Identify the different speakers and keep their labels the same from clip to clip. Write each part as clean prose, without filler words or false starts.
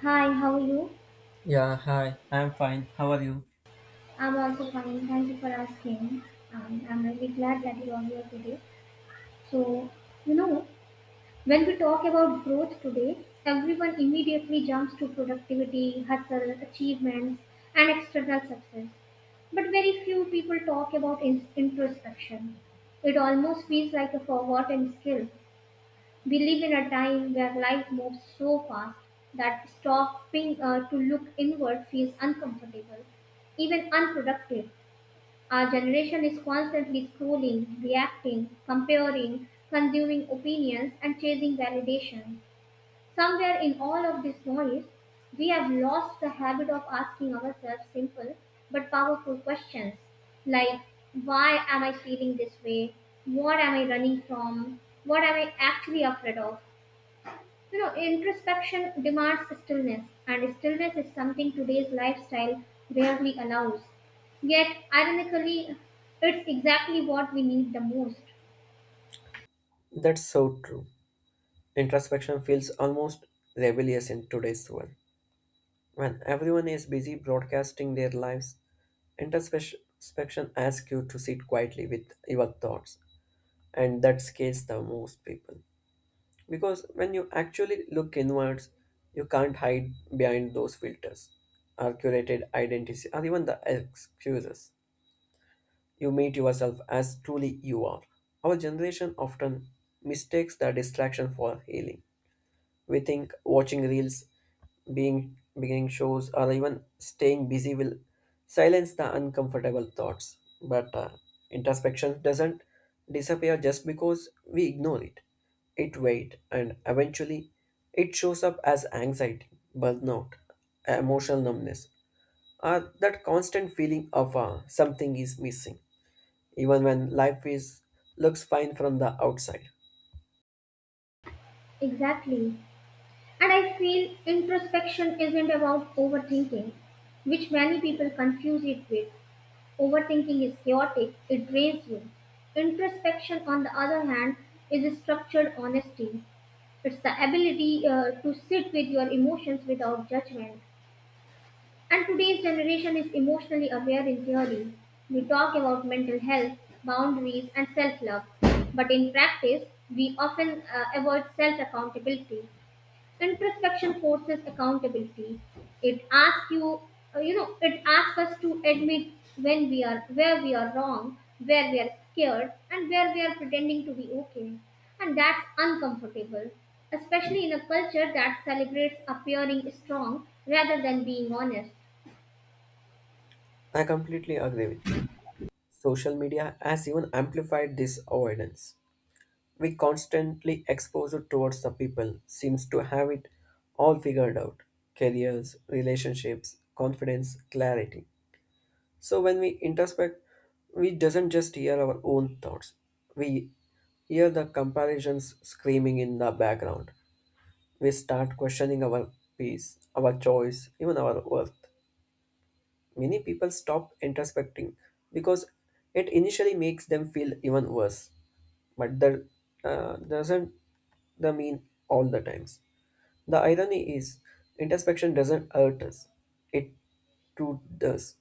Speaker 1: Hi, how are you?
Speaker 2: Yeah, hi. I'm fine. How are you?
Speaker 1: I'm also fine. Thank you for asking. And I'm really glad that you are here today. So, you know, when we talk about growth today, everyone immediately jumps to productivity, hustle, achievements, and external success. But very few people talk about introspection. It almost feels like a forgotten skill. We live in a time where life moves so fast that stopping to look inward feels uncomfortable, even unproductive. Our generation is constantly scrolling, reacting, comparing, consuming opinions, and chasing validation. Somewhere in all of this noise, we have lost the habit of asking ourselves simple but powerful questions like, why am I feeling this way? What am I running from? What am I actually afraid of? Introspection demands stillness, and stillness is something today's lifestyle rarely allows. Yet, ironically, it's exactly what we need the most.
Speaker 2: That's so true. Introspection feels almost rebellious in today's world. When everyone is busy broadcasting their lives, introspection asks you to sit quietly with your thoughts, and that scares the most people. Because when you actually look inwards, you can't hide behind those filters, or curated identities, or even the excuses. You meet yourself as truly you are. Our generation often mistakes the distraction for healing. We think watching reels, being beginning shows, or even staying busy will silence the uncomfortable thoughts. But introspection doesn't disappear just because we ignore it. It waits, and eventually, it shows up as anxiety, burnout, emotional numbness, or that constant feeling of something is missing even when life is looks fine from the outside.
Speaker 1: Exactly. And I feel introspection isn't about overthinking, which many people confuse it with. Overthinking is chaotic, it drains you. Introspection, on the other hand, is a structured honesty. It's the ability to sit with your emotions without judgment. And today's generation is emotionally aware in theory. We talk about mental health, boundaries, and self love. But in practice, we often avoid self accountability. Introspection forces accountability. It asks you, it asks us to admit when we are, where we are wrong, where we are scared, and where we are pretending to be okay. And that's uncomfortable, especially in a culture that celebrates appearing strong rather than being honest.
Speaker 2: I completely agree with you. Social media has even amplified this avoidance. We constantly expose it towards the people seems to have it all figured out. Careers, relationships, confidence, clarity. So when we introspect, we doesn't just hear our own thoughts. We hear the comparisons screaming in the background. We start questioning our peace, our choice, even our worth. Many people stop introspecting because it initially makes them feel even worse, but that doesn't the mean all the times. The irony is introspection doesn't hurt us, it truth does.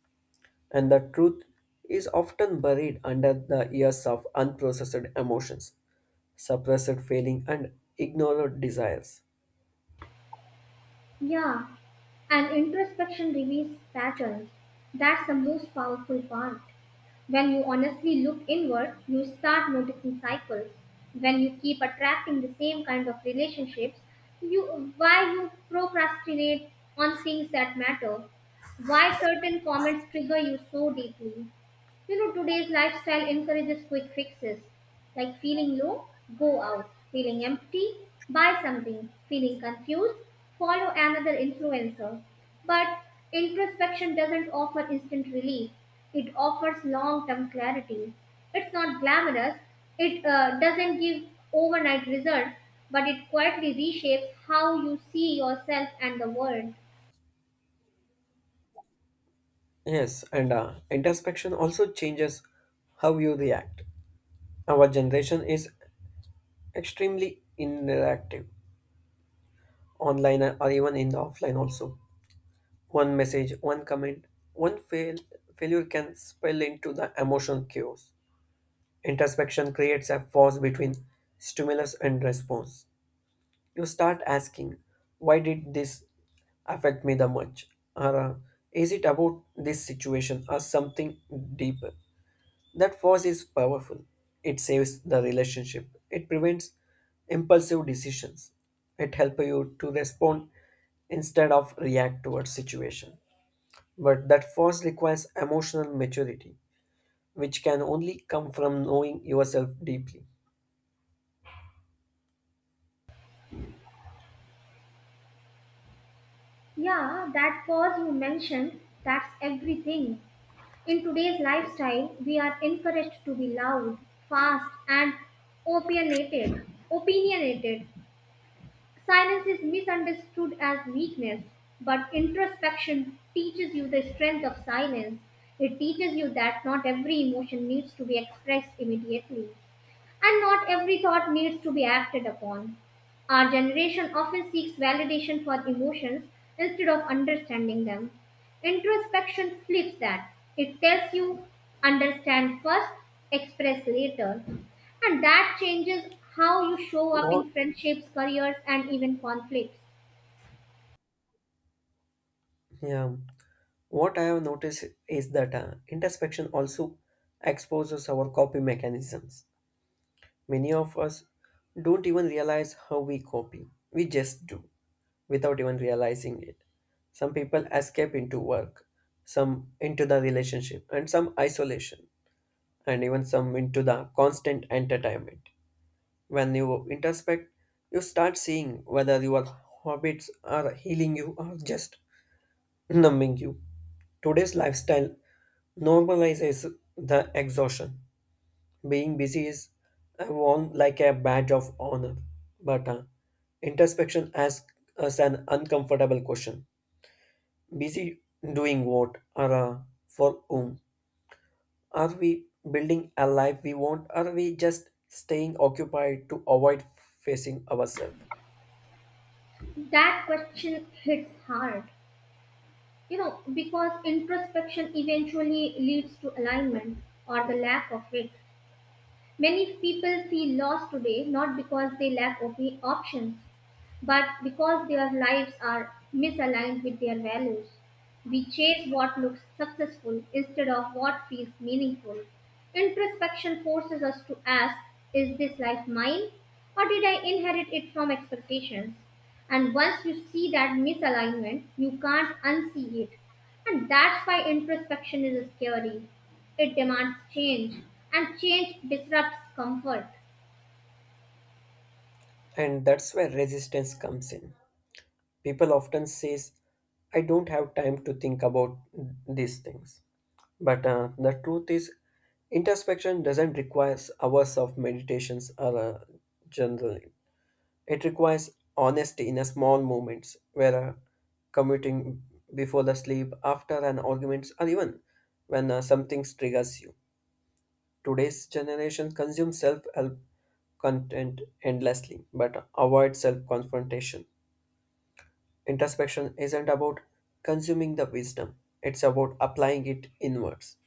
Speaker 2: And the truth is often buried under the years of unprocessed emotions, suppressed feeling and ignored desires.
Speaker 1: Yeah, and introspection reveals patterns. That's the most powerful part. When you honestly look inward, you start noticing cycles. When you keep attracting the same kind of relationships, you why you procrastinate on things that matter? Why certain comments trigger you so deeply? Today's lifestyle encourages quick fixes like feeling low, go out, feeling empty, buy something, feeling confused, follow another influencer. But introspection doesn't offer instant relief, it offers long term clarity. It's not glamorous, it doesn't give overnight results, but it quietly reshapes how you see yourself and the world.
Speaker 2: Yes, and introspection also changes how you react. Our generation is extremely interactive online or even in the offline also. One message, one comment, one fail failure can spill into the emotional chaos. Introspection creates a pause between stimulus and response. You start asking, why did this affect me the much, or is it about this situation or something deeper? That force is powerful. It saves the relationship. It prevents impulsive decisions. It helps you to respond instead of react towards situation. But that force requires emotional maturity, which can only come from knowing yourself deeply.
Speaker 1: Yeah, that pause you mentioned, that's everything. In today's lifestyle, we are encouraged to be loud, fast, and opinionated. Opinionated. Silence is misunderstood as weakness, but introspection teaches you the strength of silence. It teaches you that not every emotion needs to be expressed immediately. And not every thought needs to be acted upon. Our generation often seeks validation for emotions instead of understanding them. Introspection flips that. It tells you understand first, express later. And that changes how you show up
Speaker 2: What,
Speaker 1: in friendships, careers, and even conflicts.
Speaker 2: yeah, what I have noticed is that introspection also exposes our copy mechanisms. Many of us don't even realize how we copy. We just do, without even realizing it. Some people escape into work, some into the relationship, and some isolation, and even some into the constant entertainment. When you introspect, you start seeing whether your habits are healing you or just numbing you. Today's lifestyle normalizes the exhaustion. Being busy is worn like a badge of honor, but introspection asks us an uncomfortable question. Busy doing what, or for whom? Are we building a life we want? Are we just staying occupied to avoid facing ourselves?
Speaker 1: That question hits hard, because introspection eventually leads to alignment or the lack of it. Many people feel lost today not because they lack options but because their lives are misaligned with their values. We chase what looks successful instead of what feels meaningful. Introspection forces us to ask, is this life mine? Or did I inherit it from expectations? And once you see that misalignment, you can't unsee it. And that's why introspection is scary. It demands change, and change disrupts comfort.
Speaker 2: And that's where resistance comes in. People often says, I don't have time to think about these things. But the truth is, introspection doesn't require hours of meditations or journaling. It requires honesty in a small moments, where commuting, before the sleep, after an argument, or even when something triggers you. Today's generation consumes self-help content endlessly, but avoid self-confrontation. Introspection isn't about consuming the wisdom; it's about applying it inwards.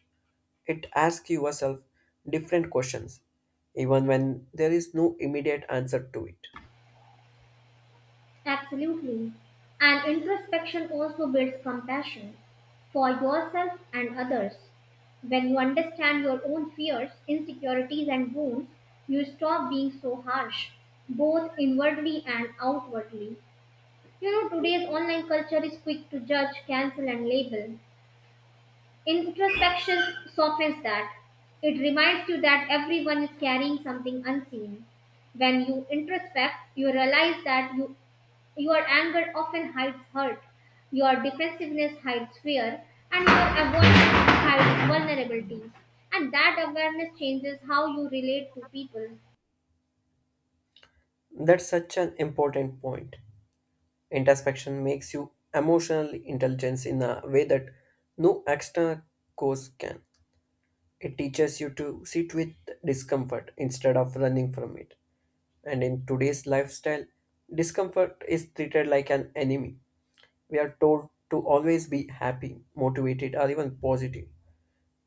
Speaker 2: It asks yourself different questions, even when there is no immediate answer to it.
Speaker 1: Absolutely. And introspection also builds compassion for yourself and others. When you understand your own fears, insecurities, and wounds, you stop being so harsh, both inwardly and outwardly. Today's online culture is quick to judge, cancel, and label. Introspection softens that. It reminds you that everyone is carrying something unseen. When you introspect, you realize that you your anger often hides hurt, your defensiveness hides fear, and your avoidance hides vulnerability. And that awareness changes how you relate to people.
Speaker 2: That's such an important point. Introspection makes you emotional intelligence in a way that no external course can. It teaches you to sit with discomfort instead of running from it. And in today's lifestyle, discomfort is treated like an enemy. We are told to always be happy, motivated, or even positive.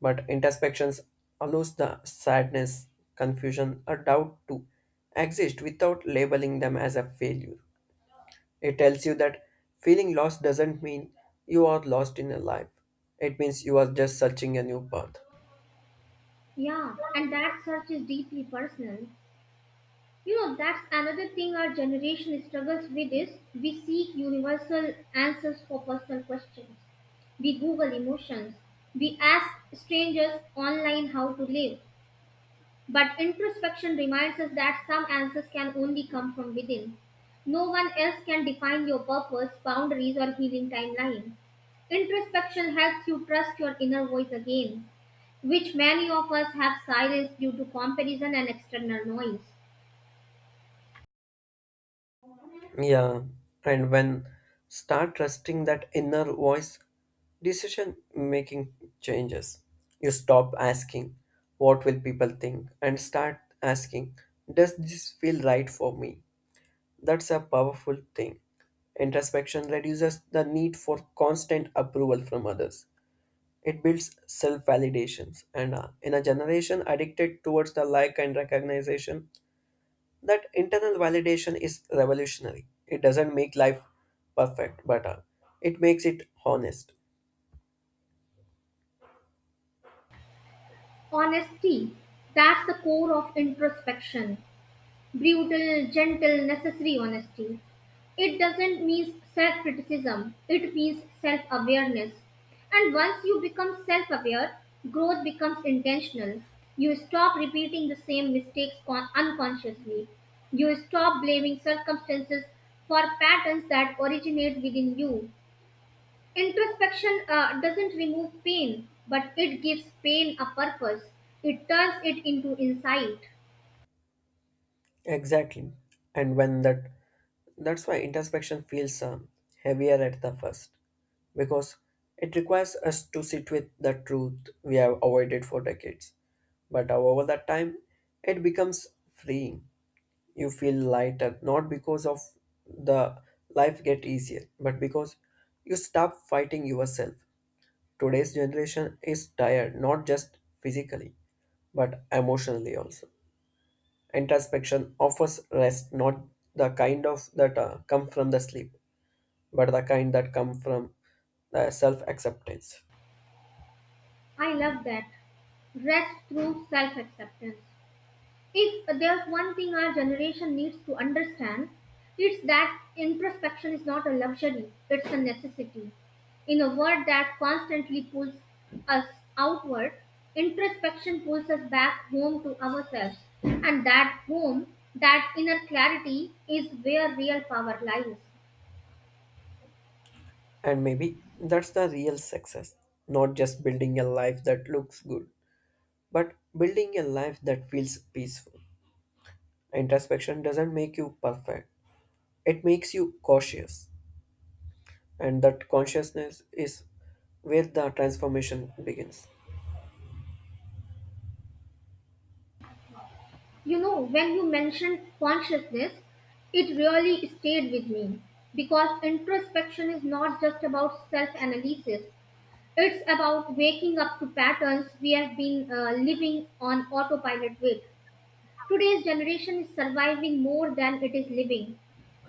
Speaker 2: But introspections allows the sadness, confusion, or doubt to exist without labeling them as a failure. It tells you that feeling lost doesn't mean you are lost in your life. It means you are just searching a new path.
Speaker 1: Yeah, and that search is deeply personal. That's another thing our generation struggles with is we seek universal answers for personal questions. We Google emotions. We ask strangers online how to live. But introspection reminds us that some answers can only come from within. No one else can define your purpose, boundaries, or healing timeline. Introspection helps you trust your inner voice again, which many of us have silenced due to comparison and external noise.
Speaker 2: Yeah, and when start trusting that inner voice, decision making changes. You stop asking, what will people think? And start asking, does this feel right for me? That's a powerful thing. Introspection reduces the need for constant approval from others. It builds self-validations, and in a generation addicted towards the like and recognition, that internal validation is revolutionary. It doesn't make life perfect, but it makes it honest.
Speaker 1: Honesty, that's the core of introspection. Brutal, gentle, necessary honesty. It doesn't mean self criticism, it means self awareness. And once you become self aware, growth becomes intentional. You stop repeating the same mistakes unconsciously. You stop blaming circumstances for patterns that originate within you. Introspection doesn't remove pain, but it gives pain a purpose. It turns it into insight.
Speaker 2: Exactly, and when that that's why introspection feels heavier at the first. Because it requires us to sit with the truth we have avoided for decades. But over that time, it becomes freeing. You feel lighter, not because of the life get easier, but because you stop fighting yourself. Today's generation is tired, not just physically, but emotionally also. Introspection offers rest, not the kind of that come from the sleep, but the kind that come from the self-acceptance.
Speaker 1: I love that. Rest through self acceptance. If there's one thing our generation needs to understand, it's that introspection is not a luxury, it's a necessity. In a world that constantly pulls us outward, introspection pulls us back home to ourselves. And that home, that inner clarity, is where real power lies.
Speaker 2: And maybe that's the real success. Not just building a life that looks good, but building a life that feels peaceful. Introspection doesn't make you perfect, it makes you cautious. And that consciousness is where the transformation begins.
Speaker 1: You know, when you mentioned consciousness, it really stayed with me because introspection is not just about self analysis, it's about waking up to patterns we have been living on autopilot with. Today's generation is surviving more than it is living.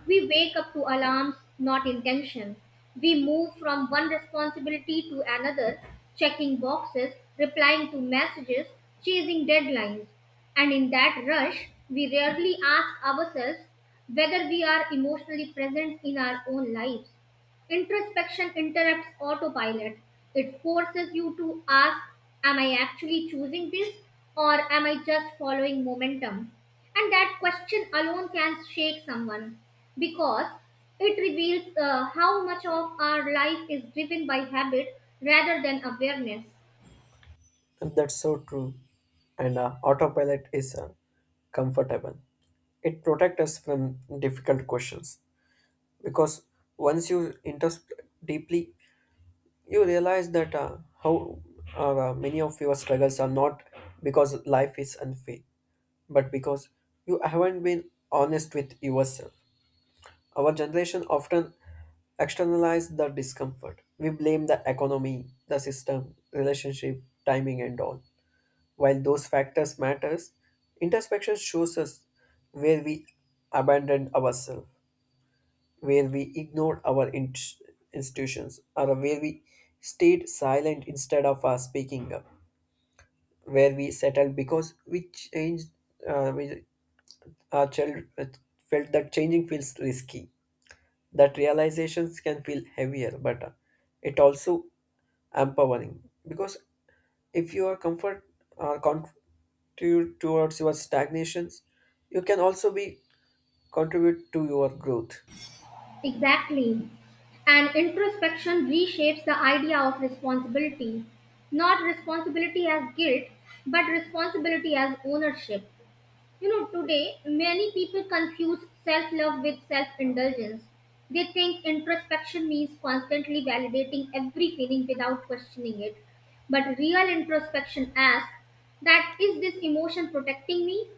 Speaker 1: We wake up to alarms, not intention. We move from one responsibility to another, checking boxes, replying to messages, chasing deadlines. And in that rush, we rarely ask ourselves whether we are emotionally present in our own lives. Introspection interrupts autopilot. It forces you to ask, am I actually choosing this or am I just following momentum? And that question alone can shake someone because it reveals how much of our life is driven by habit rather than awareness.
Speaker 2: And that's so true. And autopilot is comfortable. It protects us from difficult questions because once you introspect deeply, you realize that how many of your struggles are not because life is unfair, but because you haven't been honest with yourself. Our generation often externalize the discomfort. We blame the economy, the system, relationship, timing, and all. While those factors matters, introspection shows us where we abandoned ourselves, where we ignored our institutions, or where we stayed silent instead of speaking up, where we settled because we changed, uh, we, our child felt that changing feels risky, that realizations can feel heavier, but it also empowering, because if you are comfort or contribute towards your stagnations, you can also be contribute to your growth.
Speaker 1: Exactly. And introspection reshapes the idea of responsibility. Not responsibility as guilt, but responsibility as ownership. Today many people confuse self love with self indulgence. They think introspection means constantly validating every feeling without questioning it. But real introspection asks, that is this emotion protecting me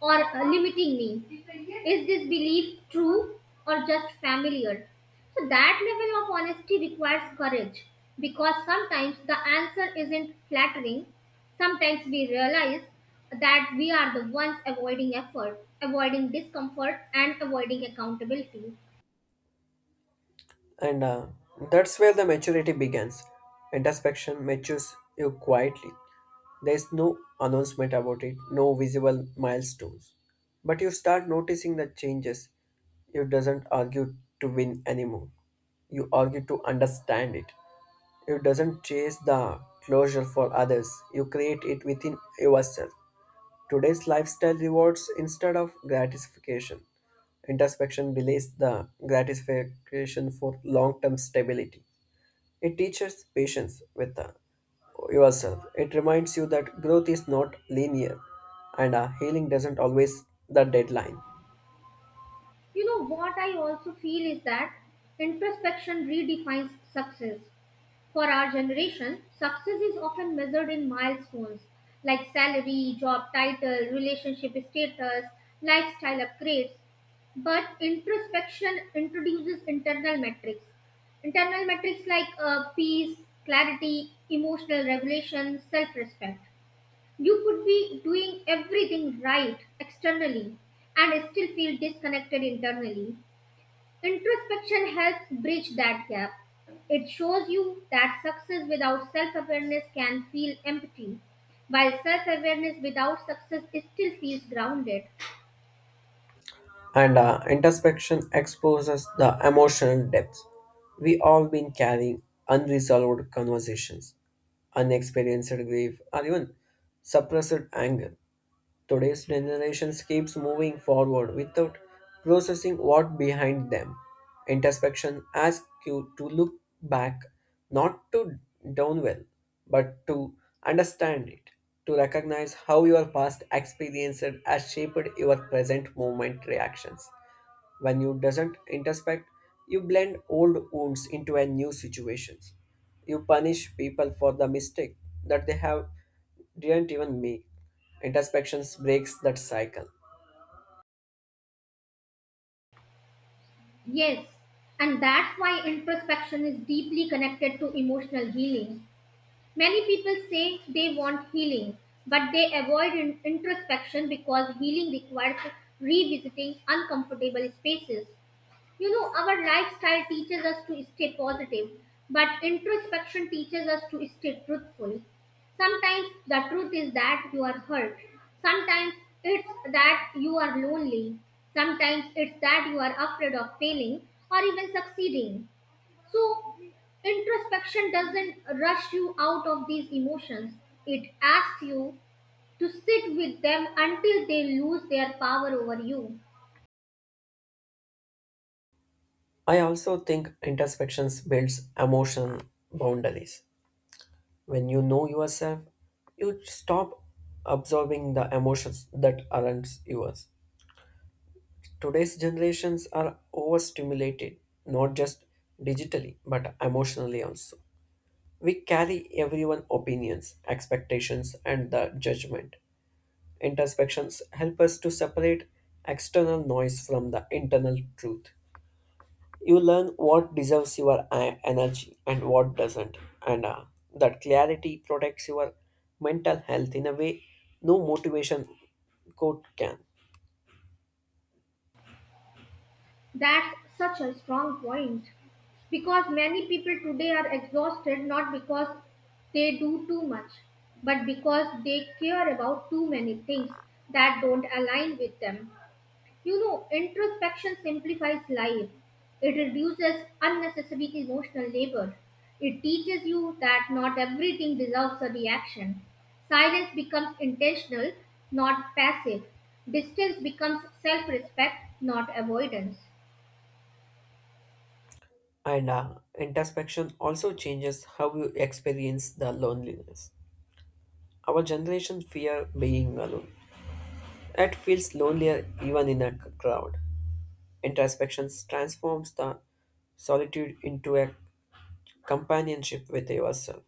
Speaker 1: or limiting me. Is this belief true or just familiar? So, that level of honesty requires courage because sometimes the answer isn't flattering. Sometimes we realize that we are the ones avoiding effort, avoiding discomfort, and avoiding accountability.
Speaker 2: And that's where the maturity begins. Introspection matures you quietly. There is no announcement about it, no visible milestones. But you start noticing the changes. You doesn't argue to win anymore. You argue to understand it. You doesn't chase the closure for others. You create it within yourself. Today's lifestyle rewards instead of gratification, introspection delays the gratification for long-term stability. It teaches patience with yourself. It reminds you that growth is not linear, and healing doesn't always the deadline.
Speaker 1: You know what I also feel is that introspection redefines success. For our generation, success is often measured in milestones like salary, job title, relationship status, lifestyle upgrades. But introspection introduces internal metrics. Internal metrics like peace, clarity, emotional regulation, self respect. You could be doing everything right externally and still feel disconnected internally. Introspection helps bridge that gap. It shows you that success without self awareness can feel empty, while self awareness without success still feels grounded.
Speaker 2: And introspection exposes the emotional depths. We all been carrying unresolved conversations, unexperienced grief, or even suppressed anger. Today's generation keeps moving forward without processing what behind them. Introspection asks you to look back, not to down well, but to understand it, to recognize how your past experiences has shaped your present moment reactions. When you doesn't introspect, you blend old wounds into a new situations. You punish people for the mistake that they have didn't even make. Introspections breaks that cycle.
Speaker 1: Yes, and that's why introspection is deeply connected to emotional healing. Many people say they want healing, but they avoid introspection because healing requires revisiting uncomfortable spaces. Our lifestyle teaches us to stay positive, but introspection teaches us to stay truthful. Sometimes the truth is that you are hurt. Sometimes it's that you are lonely. Sometimes it's that you are afraid of failing or even succeeding. So, introspection doesn't rush you out of these emotions, it asks you to sit with them until they lose their power over you.
Speaker 2: I also think introspections builds emotional boundaries. When you know yourself, you stop absorbing the emotions that aren't yours. Today's generations are overstimulated, not just digitally, but emotionally also. We carry everyone's opinions, expectations, and the judgment. Introspections help us to separate external noise from the internal truth. You learn what deserves your energy and what doesn't, and that clarity protects your mental health in a way no motivation quote can.
Speaker 1: That's such a strong point. Because many people today are exhausted not because they do too much, but because they care about too many things that don't align with them. Introspection simplifies life, it reduces unnecessary emotional labor. It teaches you that not everything deserves a reaction. Silence becomes intentional, not passive. Distance becomes self respect, not avoidance.
Speaker 2: And introspection also changes how you experience the loneliness. Our generation fear being alone. It feels lonelier even in a crowd. Introspection transforms the solitude into a companionship with yourself.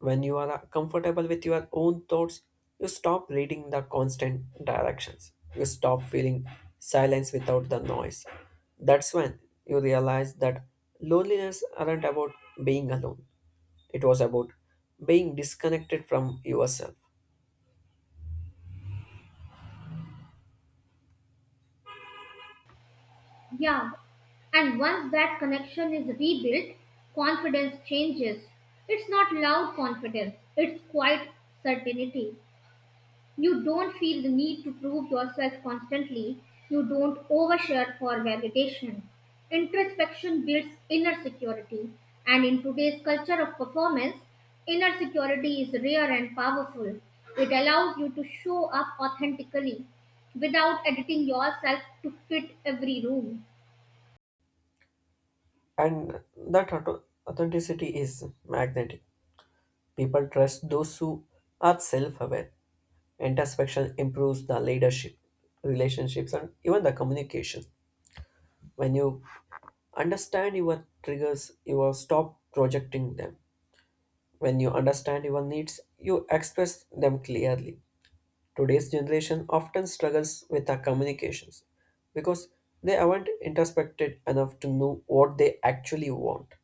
Speaker 2: When you are comfortable with your own thoughts, you stop reading the constant directions. You stop feeling silence without the noise. That's when you realize that loneliness aren't about being alone. It was about being disconnected from yourself.
Speaker 1: Yeah, and once that connection is rebuilt, confidence changes. It's not loud confidence, it's quiet certainty. You don't feel the need to prove yourself constantly, you don't overshare for validation. Introspection builds inner security, and in today's culture of performance, inner security is rare and powerful. It allows you to show up authentically without editing yourself to fit every room.
Speaker 2: And that authenticity is magnetic. People trust those who are self aware. Introspection improves the leadership, relationships, and even the communication. When you understand your triggers, you will stop projecting them. When you understand your needs, you express them clearly. Today's generation often struggles with the communications because they haven't introspected enough to know what they actually want.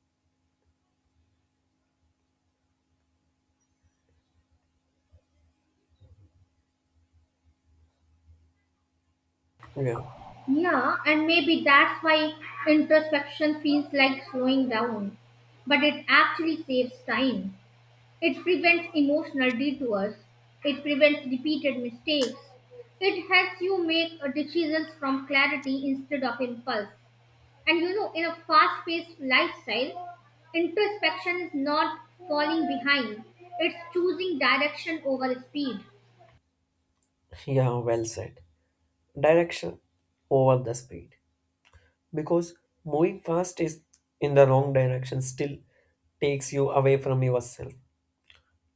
Speaker 2: Yeah,
Speaker 1: Yeah, and maybe that's why introspection feels like slowing down. But it actually saves time. It prevents emotional detours. It prevents repeated mistakes. It helps you make decisions from clarity instead of impulse. And in a fast paced lifestyle, introspection is not falling behind, it's choosing direction over speed.
Speaker 2: yeah, well said. Direction over the speed. Because moving fast is in the wrong direction still takes you away from yourself.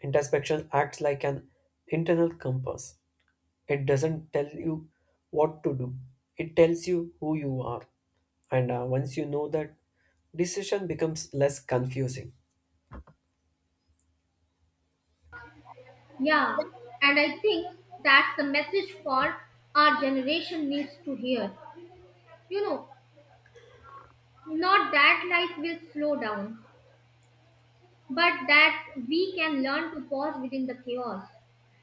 Speaker 2: Introspection acts like an internal compass. It doesn't tell you what to do. It tells you who you are. And once you know that, decision becomes less confusing,
Speaker 1: Yeah, and I think that's the message for our generation needs to hear. You know, Not that life will slow down, but that we can learn to pause within the chaos.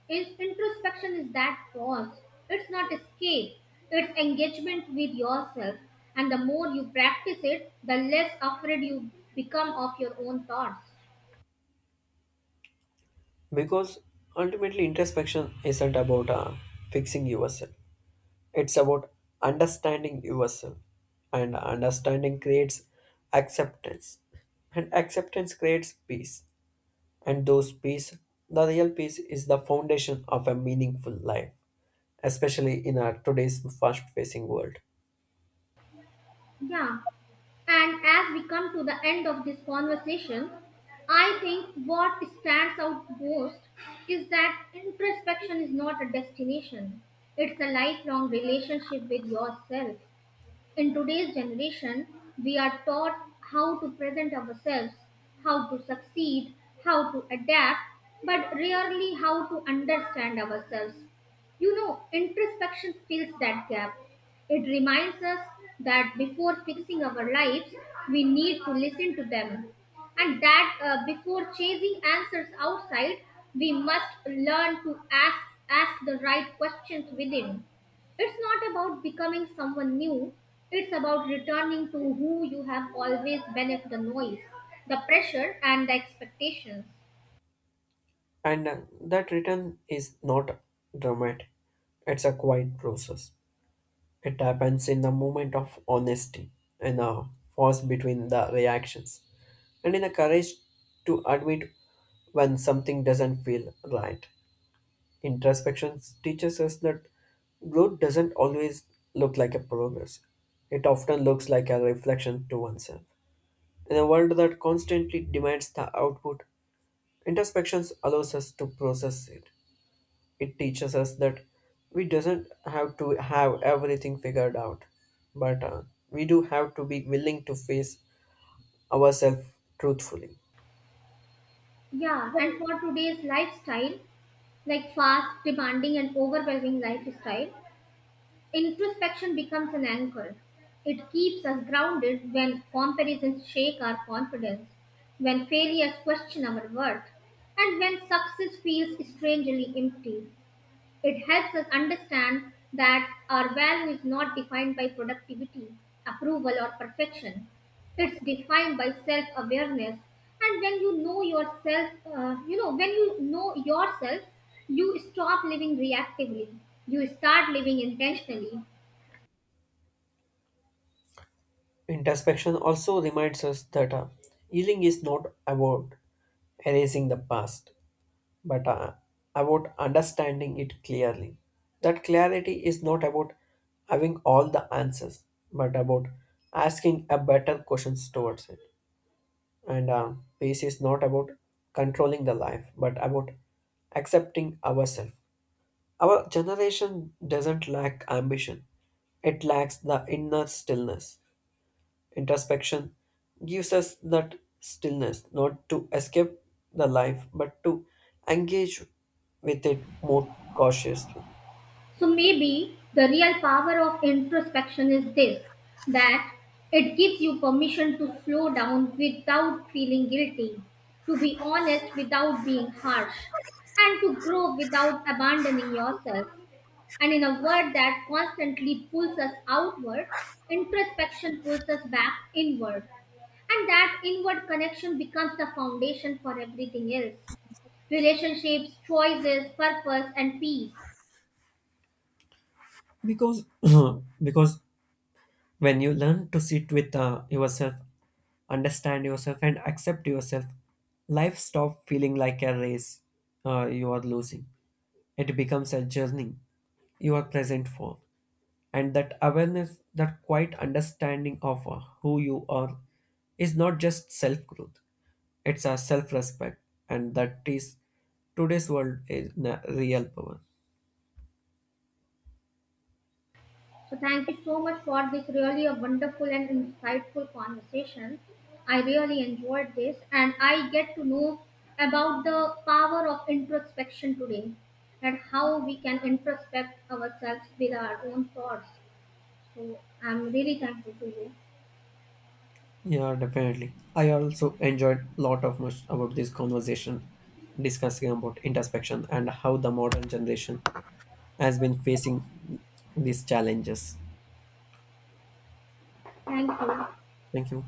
Speaker 1: Is introspection is that pause. It's not escape. It's engagement with yourself. And the more you practice it, the less afraid you become of your own thoughts.
Speaker 2: because ultimately introspection isn't about fixing yourself. It's about understanding yourself, and understanding creates acceptance, and acceptance creates peace. And those peace, the real peace, is the foundation of a meaningful life, especially in our today's fast-facing world.
Speaker 1: Yeah. And as we come to the end of this conversation, I think what stands out most is that introspection is not a destination, it's a lifelong relationship with yourself. In today's generation, we are taught how to present ourselves, how to succeed, how to adapt, but rarely how to understand ourselves. Introspection fills that gap. It reminds us that before fixing our lives, we need to listen to them. And that before chasing answers outside, we must learn to ask, ask the right questions within. It's not about becoming someone new, it's about returning to who you have always been if the noise, the pressure, and the expectations.
Speaker 2: And that return is not dramatic; it's a quiet process. It happens in the moment of honesty and a pause between the reactions and in the courage to admit when something doesn't feel right. Introspection teaches us that growth doesn't always look like a progress. It often looks like a reflection to oneself. In a world that constantly demands the output, introspection allows us to process it. It teaches us that we doesn't have to have everything figured out, but we do have to be willing to face ourselves truthfully.
Speaker 1: Yeah, and for today's lifestyle, like fast, demanding, and overwhelming lifestyle, introspection becomes an anchor. It keeps us grounded when comparisons shake our confidence, when failures question our worth, and when success feels strangely empty. It helps us understand that our value is not defined by productivity, approval, or perfection. It's defined by self awareness. And when you know yourself, when you know yourself, you stop living reactively. You start living intentionally.
Speaker 2: Introspection also reminds us that healing is not about erasing the past, but about understanding it clearly. That clarity is not about having all the answers, but about asking a better questions towards it. And peace is not about controlling the life, but about accepting ourselves. Our generation doesn't lack ambition; it lacks the inner stillness. Introspection gives us that stillness, not to escape the life, but to engage with it more cautiously.
Speaker 1: So maybe the real power of introspection is this that it gives you permission to slow down without feeling guilty, to be honest without being harsh, and to grow without abandoning yourself. And in a world that constantly pulls us outward, introspection pulls us back inward. And that inward connection becomes the foundation for everything else relationships, choices, purpose, and peace.
Speaker 2: Because, because when you learn to sit with yourself, understand yourself, and accept yourself, life stops feeling like a race you are losing. It becomes a journey you are present for. And that awareness, that quiet understanding of who you are, is not just self growth. It's a self-respect, and that is today's world is the real power.
Speaker 1: So thank you so much for this really a wonderful and insightful conversation. I really enjoyed this and I get to know about the power of introspection today and how we can introspect ourselves with our own thoughts. So I'm really thankful to you.
Speaker 2: Yeah, definitely. I also enjoyed a lot of much about this conversation, discussing about introspection and how the modern generation has been facing these challenges.
Speaker 1: Thank you.
Speaker 2: Thank you.